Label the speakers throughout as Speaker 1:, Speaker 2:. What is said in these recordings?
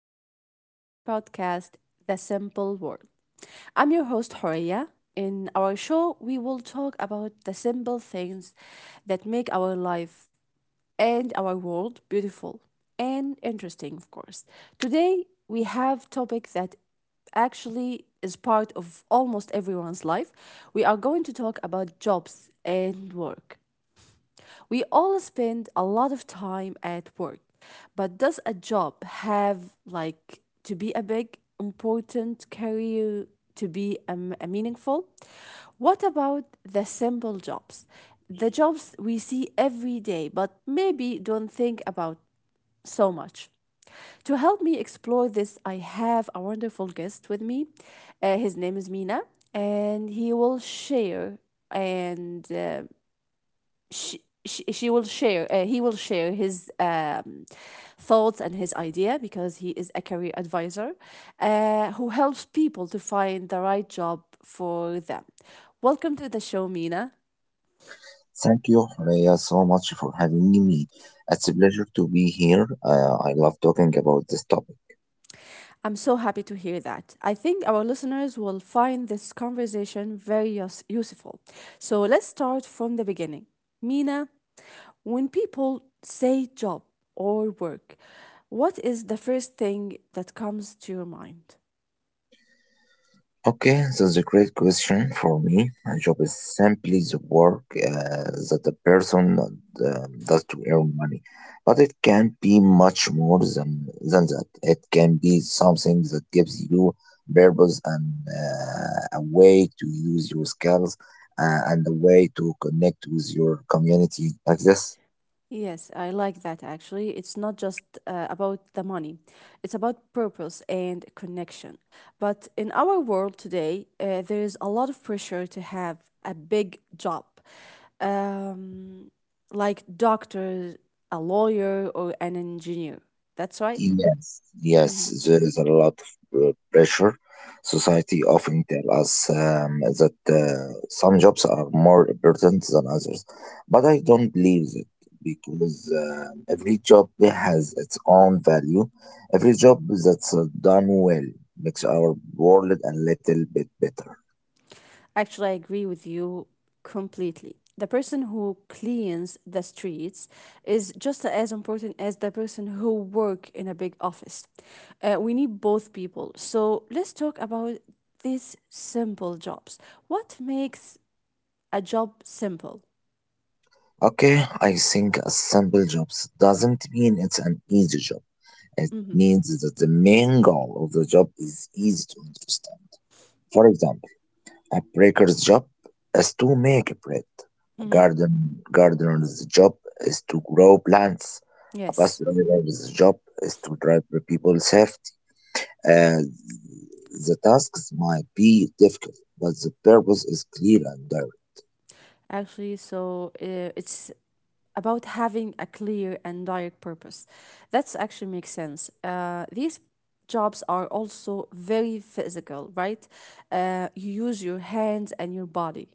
Speaker 1: back to your podcast, The Simple World. I'm your host, Horia. In our show, we will talk about the simple things that make our life and our world beautiful and interesting, of course. Today, we have topic that actually is part of almost everyone's life. We are going to talk about jobs and work. We all spend a lot of time at work, but does a job have like to be a big, important career to be a meaningful? What about the simple jobs? The jobs we see every day, but maybe don't think about so much. To help me explore this, I have a wonderful guest with me. His name is Mina, and he will share and she will share he will share his thoughts and his idea because he is a career advisor who helps people to find the right job for them. Welcome to the show, Mina.
Speaker 2: Thank you, Horea, so much for having me. It's a pleasure to be here. I love talking about this topic.
Speaker 1: I'm so happy to hear that. I think our listeners will find this conversation very useful. So let's start from the beginning, Mina. When people say job or work, what is the first thing that comes to your mind?
Speaker 2: Okay, that's a great question for me. A job is simply the work that a person does to earn money, but it can be much more than that. It can be something that gives you purpose and a way to use your skills and a way to connect with your community like this.
Speaker 1: Yes, I like that actually. It's not just about the money, it's about purpose and connection. But in our world today, there is a lot of pressure to have a big job, um, like doctor, a lawyer, or an engineer. That's right.
Speaker 2: Yes,
Speaker 1: Mm-hmm.
Speaker 2: yes, there is a lot of pressure. Society often tell us that some jobs are more important than others, but I don't believe it because every job has its own value. Every job that's done well makes our world a little bit better.
Speaker 1: Actually, I agree with you completely. The person who cleans the streets is just as important as the person who work in a big office. We need both people. So let's talk about these simple jobs. What makes a job simple?
Speaker 2: Okay, I think a simple job doesn't mean it's an easy job. It
Speaker 1: Hmm.
Speaker 2: means that the main goal of the job is easy to understand. For example, a baker's job is to make bread. A garden gardener's job is to grow plants. A bus
Speaker 1: Yes.
Speaker 2: driver's job is to drive the people safety. Uh, the tasks might be difficult, but the purpose is clear and direct.
Speaker 1: Actually. So it's about having a clear and direct purpose. That's actually makes sense. These jobs are also very physical, right? You use your hands and your body.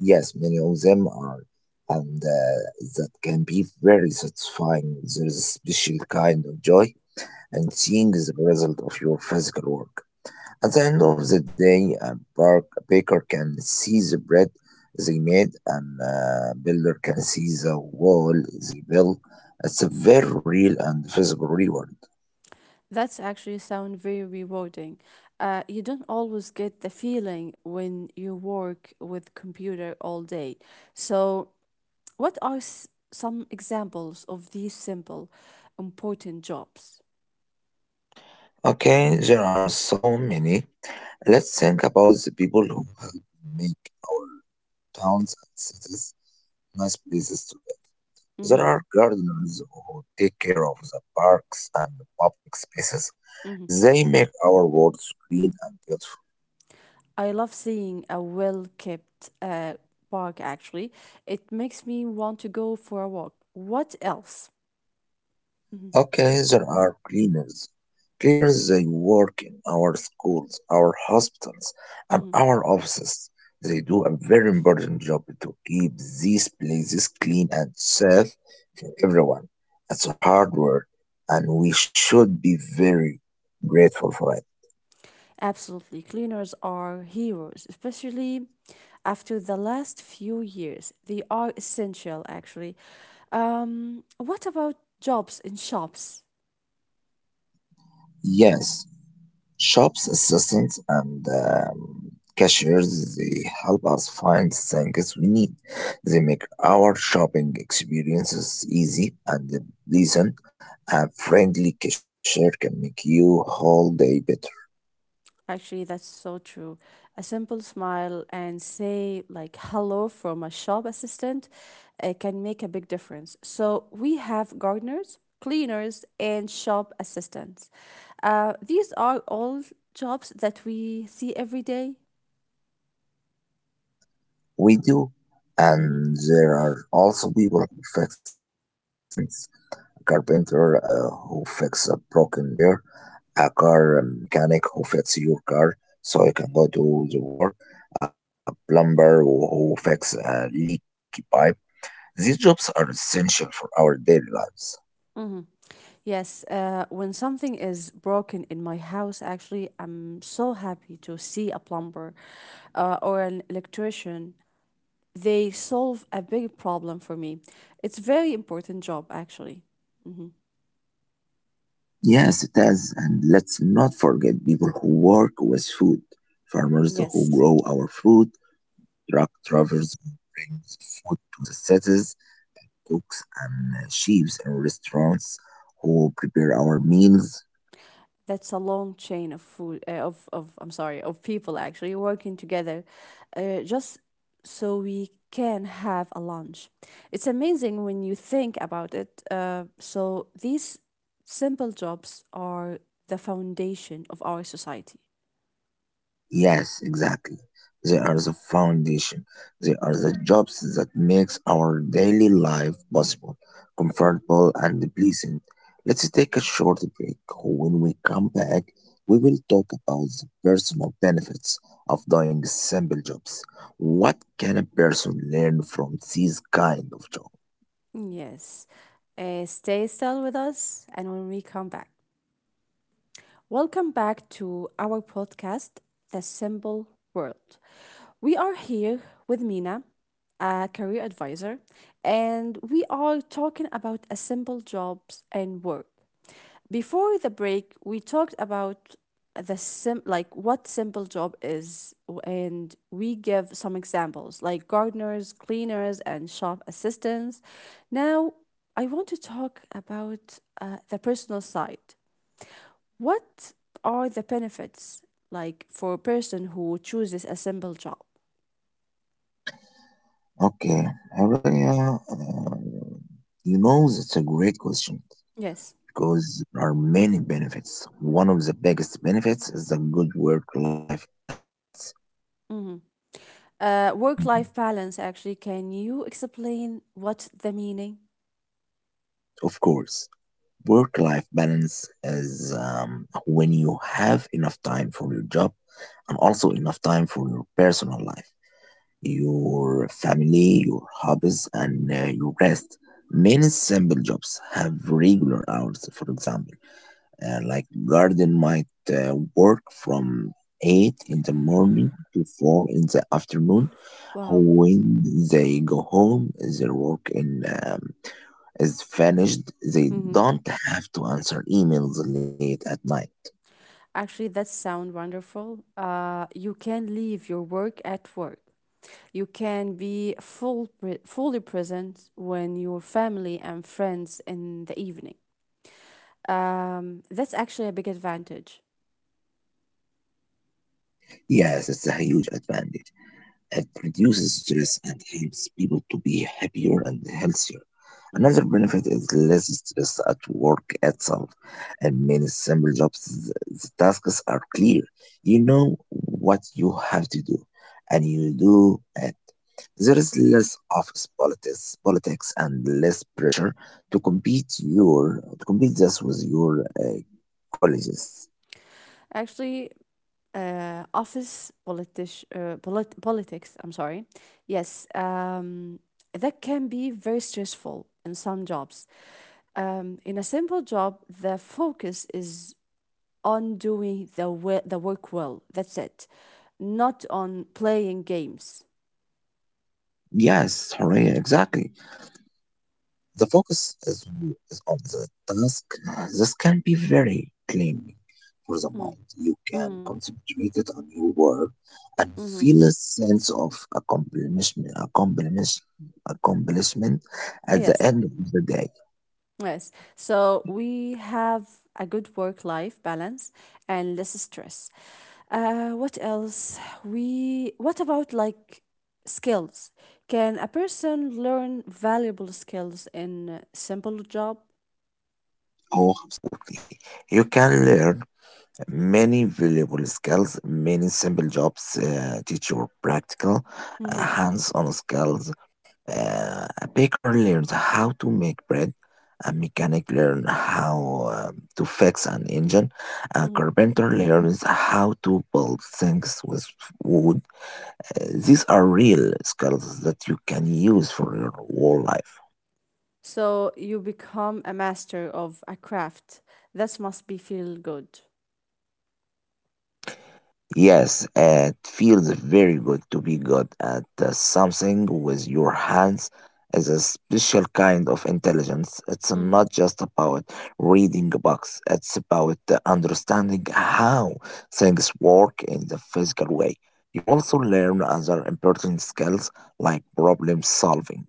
Speaker 2: Yes, many of them are, and that can be very satisfying. There is a special kind of joy and seeing the result of your physical work. At the end of the day, a a baker can see the bread they made, and a builder can see the wall they built. It's a very real and visible reward.
Speaker 1: That's actually sound very rewarding. You don't always get the feeling when you work with computer all day. So, what are some examples of these simple, important jobs?
Speaker 2: Okay, there are so many. Let's think about the people who help make our towns and cities nice places to live. There
Speaker 1: Mm-hmm.
Speaker 2: are gardeners who take care of the parks and public spaces.
Speaker 1: Mm-hmm.
Speaker 2: They make our world green and beautiful.
Speaker 1: I love seeing a well kept park, actually. It makes me want to go for a walk. What else? Mhm.
Speaker 2: Okay, there are cleaners. Cleaners, they work in our schools, our hospitals, and
Speaker 1: Mhm.
Speaker 2: our offices. They do a very important job to keep these places clean and safe for everyone. It's a hard work, and we should be very grateful for it.
Speaker 1: Absolutely. Cleaners are heroes, especially after the last few years. They are essential, actually. What about jobs in shops?
Speaker 2: Yes. Shops assistants and cashiers they help us find things we need. They make our shopping experiences easy and pleasant. A friendly cashier can make you whole day better.
Speaker 1: Actually, that's so true. A simple smile and say like hello from a shop assistant can make a big difference. So we have gardeners, cleaners, and shop assistants. These are all jobs that we see every day.
Speaker 2: We do,
Speaker 1: Mhm.
Speaker 2: and there are also people who fix things carpenter who fix a broken chair, a car mechanic who fix your car so you can go to the work, a plumber who fix a leaky pipe. These jobs are essential for our daily lives.
Speaker 1: Mhm. Yes, when something is broken in my house, actually, I'm so happy to see a plumber or an electrician. They solve a big problem for me. It's very important job actually.
Speaker 2: Yes, it is. And let's not forget people who work with food, farmers who
Speaker 1: Yes,
Speaker 2: grow our food, truck drivers who bring food to the cities, cooks and chefs in restaurants who prepare our meals.
Speaker 1: that's a long chain of food of I'm sorry, of people actually working together, just so we can have a lunch. It's amazing when you think about it. So these simple jobs are the foundation of our society.
Speaker 2: Yes, exactly. They are the foundation. They are the jobs that makes our daily life possible,
Speaker 1: Mm.
Speaker 2: comfortable and pleasant. Let's take a short break. When we come back, we will talk about the personal benefits of doing simple jobs. What can a person learn from these kind of jobs?
Speaker 1: Yes. Stay still with us, and when we come back. Welcome back to our podcast, The Simple World. We are here with Mina, a career advisor, and we are talking about a simple jobs and work. Before the break, we talked about the sim like what simple job is, and we give some examples like gardeners, cleaners and shop assistants. Now, I want to talk about the personal side. What are the benefits like for a person who chooses a simple job?
Speaker 2: Okay, Aurelia, you know that's a great question,
Speaker 1: Yes.
Speaker 2: because there are many benefits. One of the biggest benefits is a good work life balance.
Speaker 1: Hmm.
Speaker 2: Mhm.
Speaker 1: Work-life balance. Actually, can you explain what the meaning?
Speaker 2: Of course, work life balance is when you have enough time for your job and also enough time for your personal life, your family, your hobbies, and your rest. Many simple jobs have regular hours, for example like garden might work from 8 in the morning to 4 in the afternoon.
Speaker 1: Wow.
Speaker 2: When they go home, their work is finished. They
Speaker 1: Hmm.
Speaker 2: don't have to answer emails late at night.
Speaker 1: Actually, that sound wonderful. You can leave your work at work. You can be fully present when your family and friends in the evening. That's actually a big advantage.
Speaker 2: Yes, it's a huge advantage. It reduces stress and helps people to be happier and healthier. Another
Speaker 1: Mhm.
Speaker 2: benefit is less stress at work itself. In many simple jobs, the tasks are clear. You know what you have to do, and you do it. There is less office politics, politics, and less pressure to compete your to compete this with your colleagues.
Speaker 1: Actually, office politish, politics. I'm sorry. Yes, that can be very stressful in some jobs. In a simple job, the focus is on doing the work well. That's it, not on playing games.
Speaker 2: Yes, Horea, exactly. The focus is on the task. This can be very claiming for
Speaker 1: Mm.
Speaker 2: the mind. You
Speaker 1: Mm.
Speaker 2: can concentrate it on your work
Speaker 1: Mhm.
Speaker 2: and feel a sense of accomplishment at
Speaker 1: Yes.
Speaker 2: the end of the day.
Speaker 1: Yes. So we have a good work life balance and less stress. What else? We What about like skills? Can a person learn valuable skills in a simple job?
Speaker 2: Oh, absolutely. You can learn many valuable skills. Many simple jobs teach you practical,
Speaker 1: Hmm.
Speaker 2: hands-on skills a baker learns how to make bread, a mechanic learns how to fix an engine, a
Speaker 1: Hmm.
Speaker 2: carpenter learns how to build things with wood. These are real skills that you can use for your whole life.
Speaker 1: So you become a master of a craft. That must be feel good.
Speaker 2: Yes, it feels very good to be good at something with your hands is a special kind of intelligence. It's
Speaker 1: Hmm.
Speaker 2: not just about reading books, it's about understanding how things work in the physical way. You also learn other important skills like problem solving.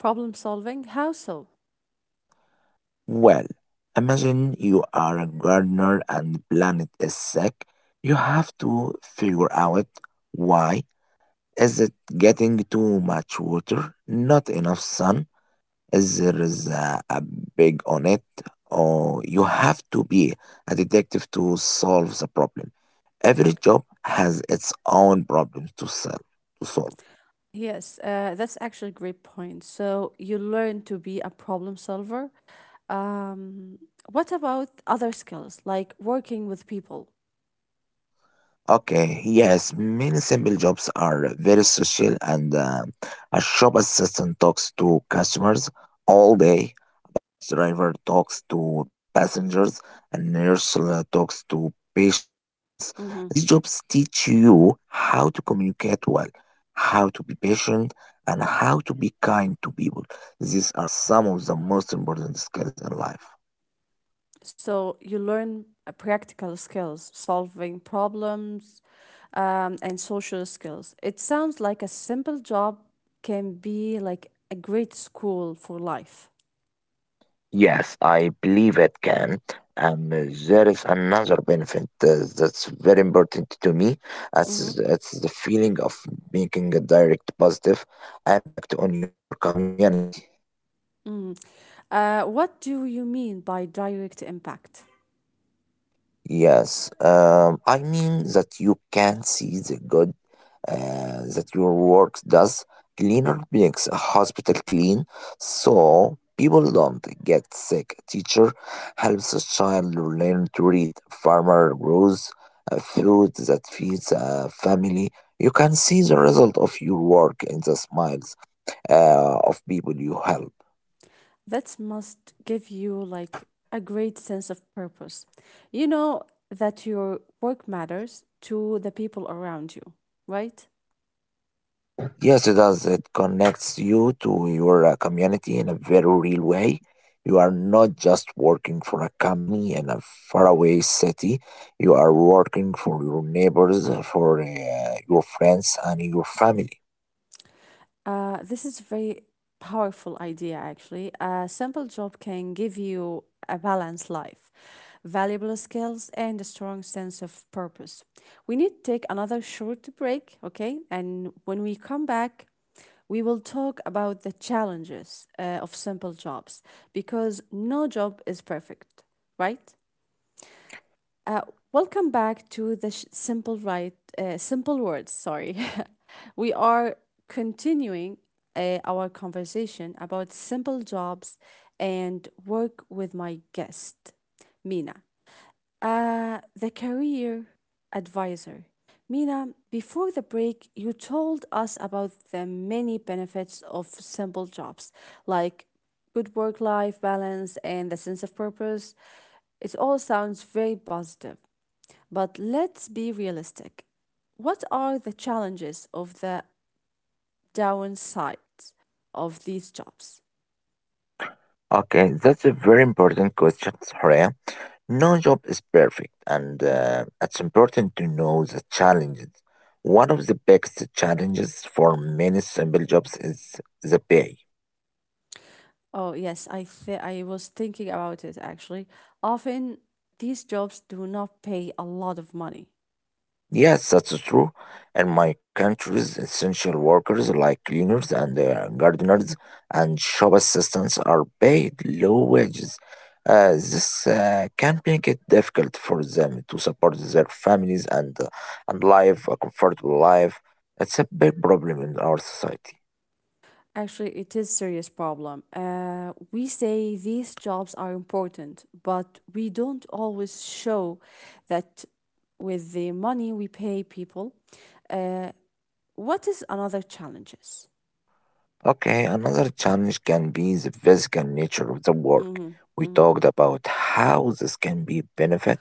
Speaker 1: Problem solving? How so?
Speaker 2: Well, imagine you are a gardener and the planet is sick. You have to figure out why. Is it getting too much water? Not enough sun? Is there is a big on it? Or you have to be a detective to solve the problem. Every job has its own problems to solve. To solve.
Speaker 1: Yes, that's actually a great point. So you learn to be a problem solver. Um, what about other skills like working with people?
Speaker 2: Okay, yes, many simple jobs are very social, and a shop assistant talks to customers all day, a bus driver talks to passengers, a nurse talks to patients. These
Speaker 1: Hmm.
Speaker 2: jobs teach you how to communicate well, how to be patient, and how to be kind to people. These are some of the most important skills in life.
Speaker 1: So you learn practical skills, solving problems, and social skills. It sounds like a simple job can be like a great school for life.
Speaker 2: Yes, I believe it can. And there is another benefit that's very important to me.
Speaker 1: Hmm.
Speaker 2: As it's the feeling of making a direct positive impact on your community.
Speaker 1: Hmm. What do you mean by direct impact?
Speaker 2: Yes, I mean that you can see the good that your work does. Cleaner makes a hospital clean, so people don't get sick. Teacher helps a child learn to read. Farmer grows food that feeds a family. You can see the result of your work in the smiles of people you help.
Speaker 1: That must give you like a great sense of purpose. You know that your work matters to the people around you, right?
Speaker 2: Yes, it does. It connects you to your community in a very real way. You are not just working for a company in a faraway city. You are working for your neighbors, for your friends, and your family.
Speaker 1: This is a very powerful idea, actually. A simple job can give you a balanced life, valuable skills, and a strong sense of purpose. We need to take another short break, okay? And when we come back, we will talk about the challenges of simple jobs, because no job is perfect, right? Uh, Welcome back to simple right, simple words. Sorry, we are continuing our conversation about simple jobs and work with my guest, Mina, the career advisor. Mina, before the break, you told us about the many benefits of simple jobs, like good work life balance and the sense of purpose. It all sounds very positive. But let's be realistic. What are the challenges of the downside of these jobs?
Speaker 2: Okay, that's a very important question, Horea. No job is perfect, and
Speaker 1: Mhm.
Speaker 2: it's important to know the challenges. One of the biggest challenges for many simple jobs is the pay.
Speaker 1: Oh, yes, I was thinking about it actually. Often these jobs do not pay a lot of money.
Speaker 2: Yes, that's true. In my countries, essential workers like cleaners and gardeners and shop assistants are paid low wages. This can make it difficult for them to support their families and live a comfortable life. It's a big problem in our society.
Speaker 1: Actually, it is serious problem. We say these jobs are important, but we don't always show that with the money we pay people. Uh, what is another challenges?
Speaker 2: Okay, another challenge can be the physical nature of the work.
Speaker 1: Mhm.
Speaker 2: We
Speaker 1: Mhm.
Speaker 2: talked about how this can be benefit,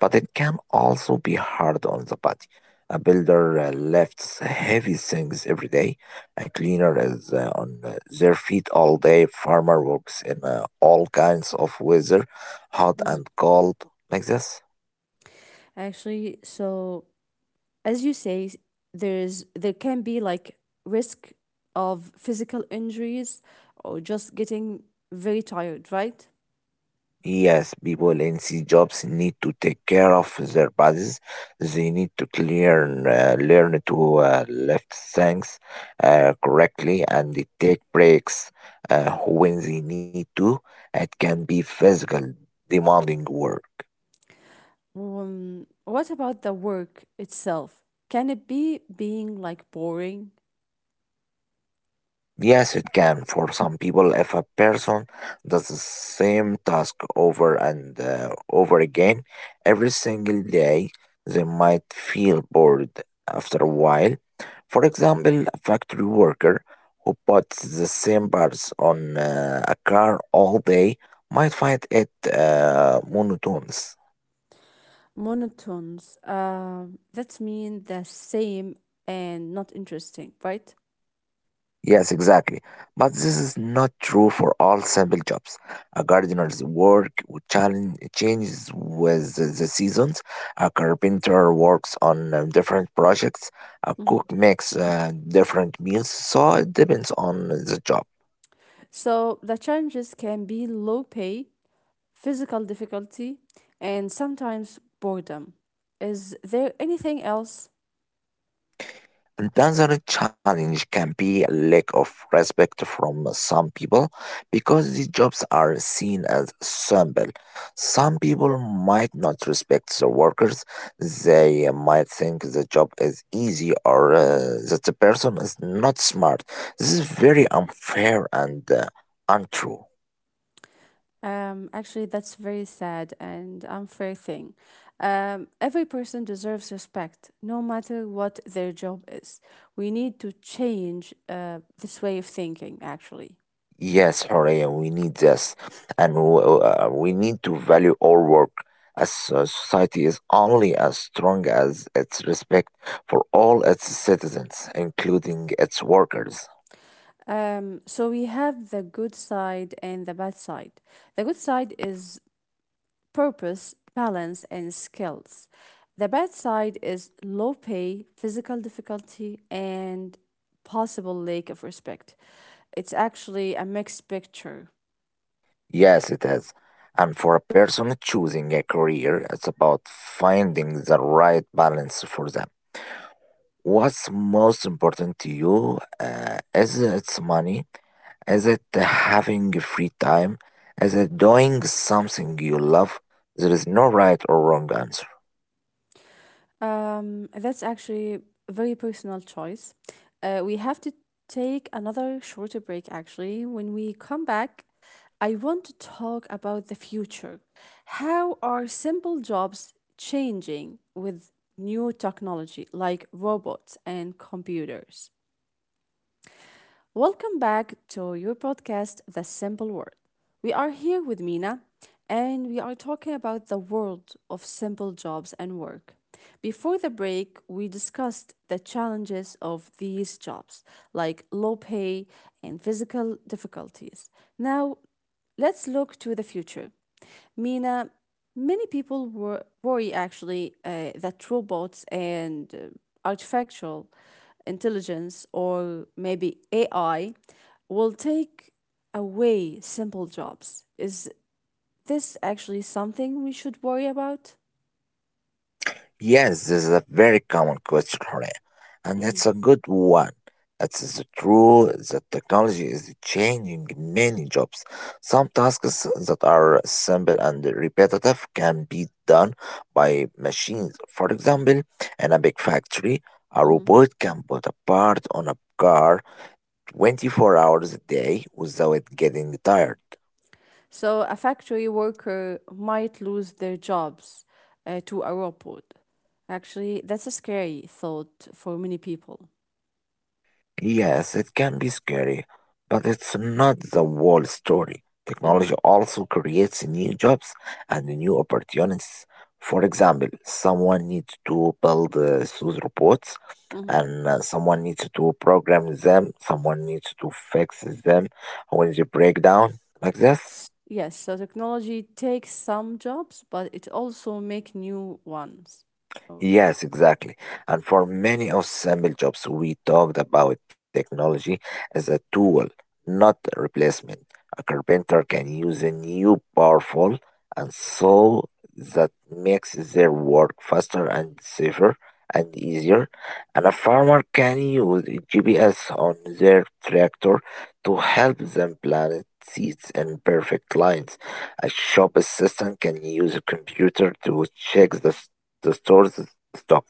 Speaker 2: but it can also be hard on the body. A builder lifts heavy things every day. A cleaner is on their feet all day. Farmer works in all kinds of weather, hot
Speaker 1: Mhm.
Speaker 2: and cold, like this.
Speaker 1: Actually, so as you say, there can be like risk of physical injuries or just getting very tired, right?
Speaker 2: Yes, people in C jobs need to take care of their bodies. They need to clear, learn to lift things correctly and they take breaks when they need to. It can be physical, demanding work.
Speaker 1: What about the work itself? Can it be being like boring,
Speaker 2: Yes, it can. For some people, if a person does the same task over and over again every single day, they might feel bored after a while. For example, a factory worker who puts the same parts on a car all day might find it monotonous.
Speaker 1: monotones? That's mean the same and not interesting, right?
Speaker 2: Yes, exactly. But this is not true for all simple jobs. A gardener's work would challenge changes with the seasons. A carpenter works on different projects. A
Speaker 1: Hmm.
Speaker 2: cook makes different meals. So it depends on the job.
Speaker 1: So the challenges can be low pay, physical difficulty, and sometimes boredom. Is there anything else?
Speaker 2: Another challenge can be a lack of respect from some people because these jobs are seen as simple. Some people might not respect the workers. They might think the job is easy or that the person is not smart. This is very unfair and untrue.
Speaker 1: Actually, that's very sad and unfair thing. Every person deserves respect, no matter what their job is. We need to change this way of thinking, actually.
Speaker 2: Yes, Horea, we need this, and we need to value our work. As a society is only as strong as its respect for all its citizens, including its workers.
Speaker 1: So we have the good side and the bad side. The good side is purpose, balance, and skills. The bad side is low pay, physical difficulty, and possible lack of respect. It's actually a mixed picture.
Speaker 2: Yes, it is. And for a person choosing a career, it's about finding the right balance for them. What's most important to you is its money, Is it having free time? Is it doing something you love? There is no right or wrong answer.
Speaker 1: That's actually a very personal choice. We have to take another shorter break actually. When we come back, I want to talk about the future. How are simple jobs changing with new technology like robots and computers? Welcome back to your podcast, The Simple Word. We are here with Mina, and we are talking about the world of simple jobs and work. Before the break, we discussed the challenges of these jobs, like low pay and physical difficulties. Now, let's look to the future. Mina, many people worry actually that robots and artificial intelligence or maybe AI will take away simple jobs. Is this actually something we should worry about?
Speaker 2: Yes, this is a very common question, Hore, and
Speaker 1: Hmm.
Speaker 2: it's a good one. It's true that technology is changing many jobs. Some tasks that are simple and repetitive can be done by machines. For example, in a big factory, a
Speaker 1: Hmm.
Speaker 2: robot can put a part on a car 24 hours a day without getting tired.
Speaker 1: So, a factory worker might lose their jobs to a robot. Actually, that's a scary thought for many people.
Speaker 2: Yes, it can be scary, but it's not the whole story.
Speaker 1: Hmm.
Speaker 2: Technology also creates new jobs and new opportunities. For example, someone needs to build those robots, and someone needs to program them, someone needs to fix them when they break down, like this.
Speaker 1: Yes, so technology takes some jobs, but it also make new ones. Oh, job.
Speaker 2: Yes, exactly. And for many of simple jobs, we talked about technology as a tool, not a replacement. A carpenter can use a new powerful, and so that makes their work faster and safer and easier. And a farmer can use GPS on their tractor to help them plant seeds in perfect lines. A shop assistant can use a computer to check the store's stock.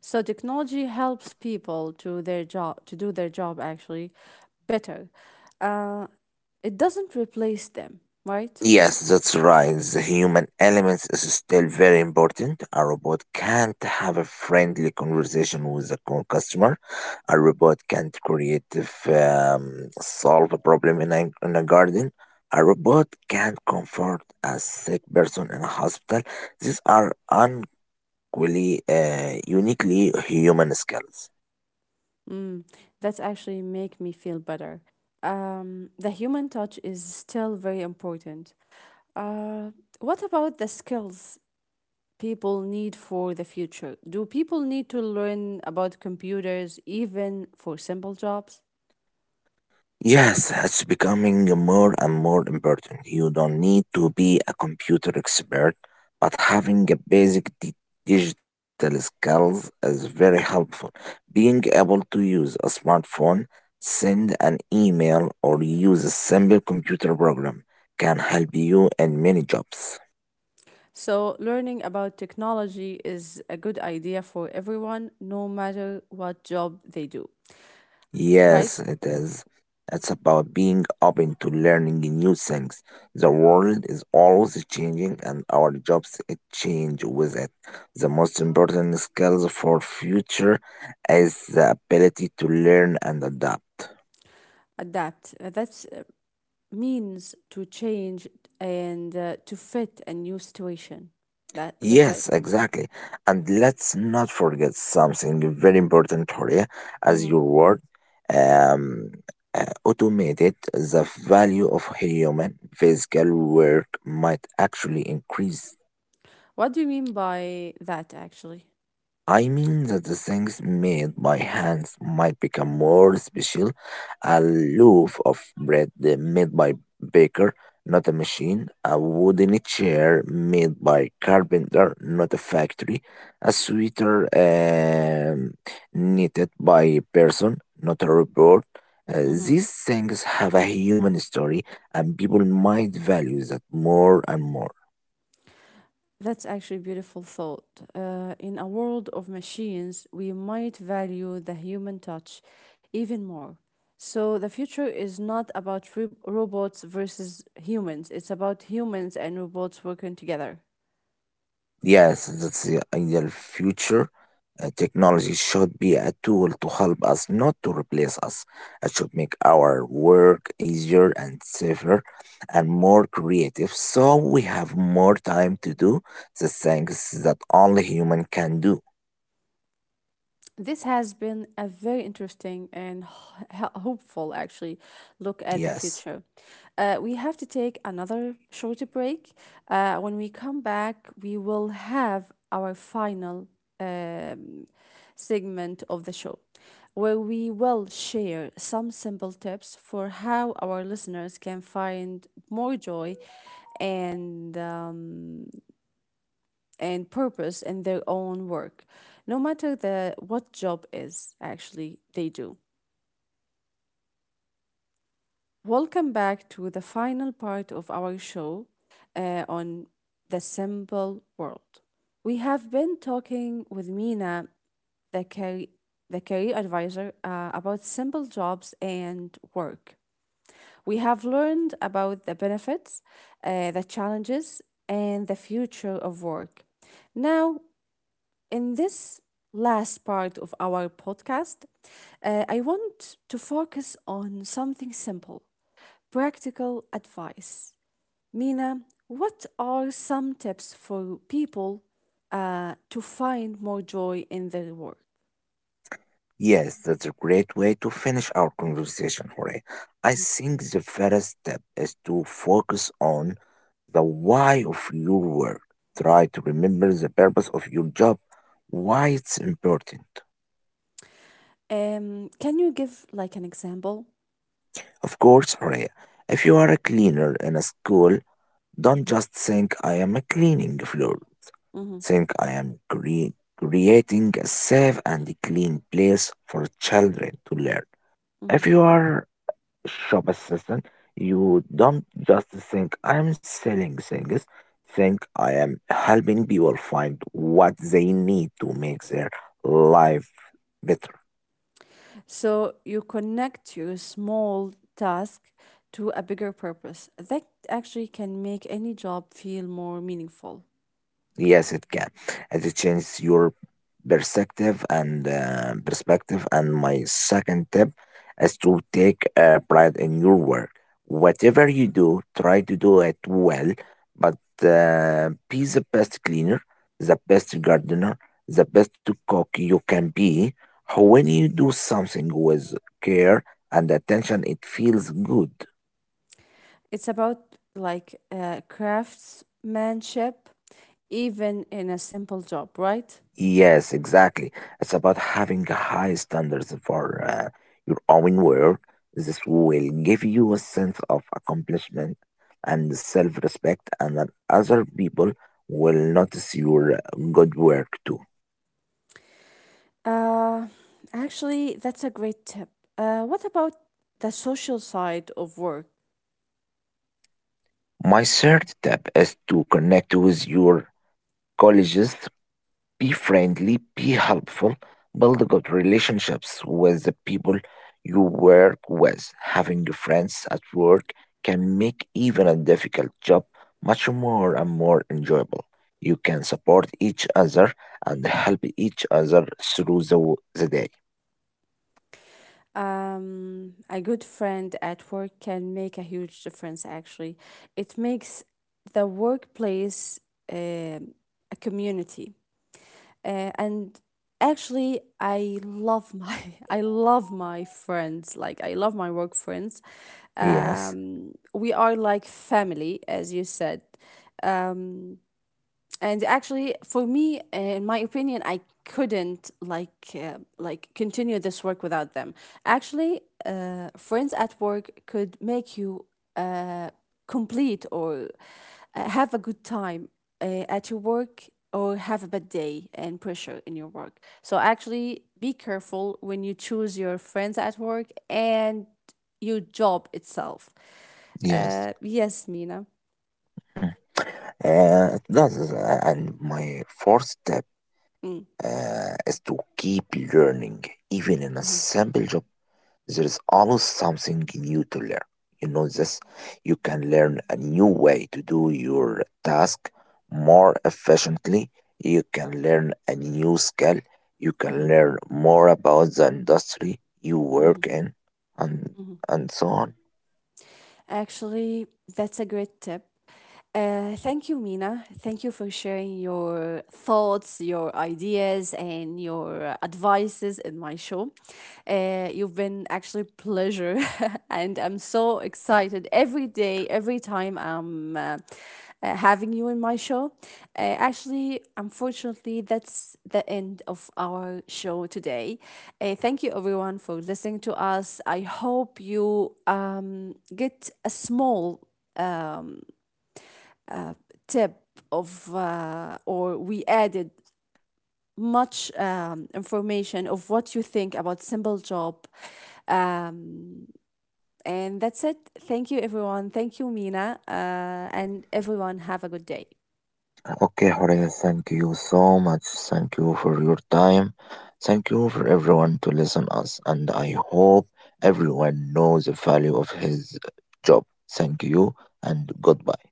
Speaker 1: So technology helps people to do their job actually better. Uh, it doesn't replace them, right?
Speaker 2: Yes, that's right. The human element is still very important. A robot can't have a friendly conversation with a customer. A robot can't creative solve a problem in a garden. A robot can't comfort a sick person in a hospital. These are uniquely human skills.
Speaker 1: Mm, that's actually make me feel better. The human touch is still very important. Uh, what about the skills people need for the future? Do people need to learn about computers even for simple jobs?
Speaker 2: Yes, it's becoming more and more important. You don't need to be a computer expert, but having a basic digital skills is very helpful. Being able to use a smartphone, send an email, or use a simple computer program can help you in many jobs.
Speaker 1: So, learning about technology is a good idea for everyone, no matter what job they do, right?
Speaker 2: Yes, it is. It's about being open to learning new things. The world is always changing and our jobs change with it. The most important skills for future is the ability to learn and adapt.
Speaker 1: Adapt. That's means to change and to fit a new situation. That that's right.
Speaker 2: Yes, exactly. And let's not forget something very important, Horia, as
Speaker 1: Hmm.
Speaker 2: your word um, automated, the value of human physical work might actually increase.
Speaker 1: What do you mean by that, actually?
Speaker 2: I mean that the things made by hands might become more special. A loaf of bread made by baker, not a machine. A wooden chair made by carpenter, not a factory. A sweater knitted by person, not a robot.
Speaker 1: Mm-hmm.
Speaker 2: These things have a human story, and people might value that more and more.
Speaker 1: That's actually a beautiful thought. In a world of machines, we might value the human touch even more. So the future is not about robots versus humans, it's about humans and robots working together.
Speaker 2: Yes, that's the ideal future. Technology should be a tool to help us, not to replace us. It should make our work easier and safer and more creative so we have more time to do the things that only human can do.
Speaker 1: This has been a very interesting and hopeful, actually, look at the
Speaker 2: Yes.
Speaker 1: future. We have to take another short break. When we come back, we will have our final uh, segment of the show, where we will share some simple tips for how our listeners can find more joy and purpose in their own work, no matter the what job is actually they do. Welcome back to the final part of our show on the simple world. We have been talking with Mina the career, the career advisor about simple jobs and work. We have learned about the benefits, the challenges, and the future of work. Now, in this last part of our podcast, I want to focus on something simple practical advice. Mina, what are some tips for people to find more joy in their work?
Speaker 2: Yes, that's a great way to finish our conversation, Jorge. I think the first step is to focus on the why of your work. Try to remember the purpose of your job, why it's important.
Speaker 1: Can you give like an example?
Speaker 2: Of course, Jorge, if you are a cleaner in a school, don't just think I am a cleaning floor.
Speaker 1: Hmm.
Speaker 2: Think I am creating a safe and clean place for children to learn.
Speaker 1: Hmm.
Speaker 2: If you are shop assistant, you don't just think I'm selling things, think I am helping people find what they need to make their life better.
Speaker 1: So you connect your small task to a bigger purpose. That actually can make any job feel more meaningful.
Speaker 2: Yes, it can. As it changes your perspective. And my second tip is to take pride in your work. Whatever you do, try to do it well. But be the best cleaner, the best gardener, the best cook you can be. When you do something with care and attention, it feels good.
Speaker 1: It's about like craftsmanship, even in a simple job, right?
Speaker 2: Yes, exactly. It's about having high standards for your own work. This will give you a sense of accomplishment and self-respect, and that other people will notice your good work too.
Speaker 1: Uh, actually, that's a great tip. What about the social side of work?
Speaker 2: My third step is to connect with your colleagues. Be friendly, be helpful, build good relationships with the people you work with. Having friends at work can make even a difficult job much more enjoyable. You can support each other and help each other through the day.
Speaker 1: A good friend at work can make a huge difference, actually. It makes the workplace um a community. And actually, I love my I love my friends. Like I love my work friends.
Speaker 2: Yes,
Speaker 1: We are like family, as you said. Um, and actually for me in my opinion, I couldn't like continue this work without them. Actually, friends at work could make you uh, complete or have a good time at your work, or have a bad day and pressure in your work. So actually be careful when you choose your friends at work and your job itself.
Speaker 2: yes.
Speaker 1: Yes, Mina.
Speaker 2: Mm. It does. And my fourth step
Speaker 1: Mm.
Speaker 2: is to keep learning, even in a
Speaker 1: Hmm.
Speaker 2: simple job. There is always something new to learn. You know this? You can learn a new way to do your task more efficiently. You can learn a new skill. You can
Speaker 1: Hmm.
Speaker 2: learn more about the industry you work
Speaker 1: Hmm.
Speaker 2: in and and so on.
Speaker 1: Actually, that's a great tip. Thank you, Mina. Thank you for sharing your thoughts, your ideas, and your advices in my show. You've been actually pleasure, and I'm so excited every day, every time I'm having you in my show. Actually, unfortunately, that's the end of our show today. Thank you, everyone, for listening to us. I hope you get a small tip of, or we added much information of what you think about simple job, um, and that's it. Thank you, everyone. Thank you, Mina, and everyone have a good day.
Speaker 2: Okay, Horea, thank you so much. Thank you for your time. Thank you for everyone to listen us, and I hope everyone knows the value of his job. Thank you and goodbye.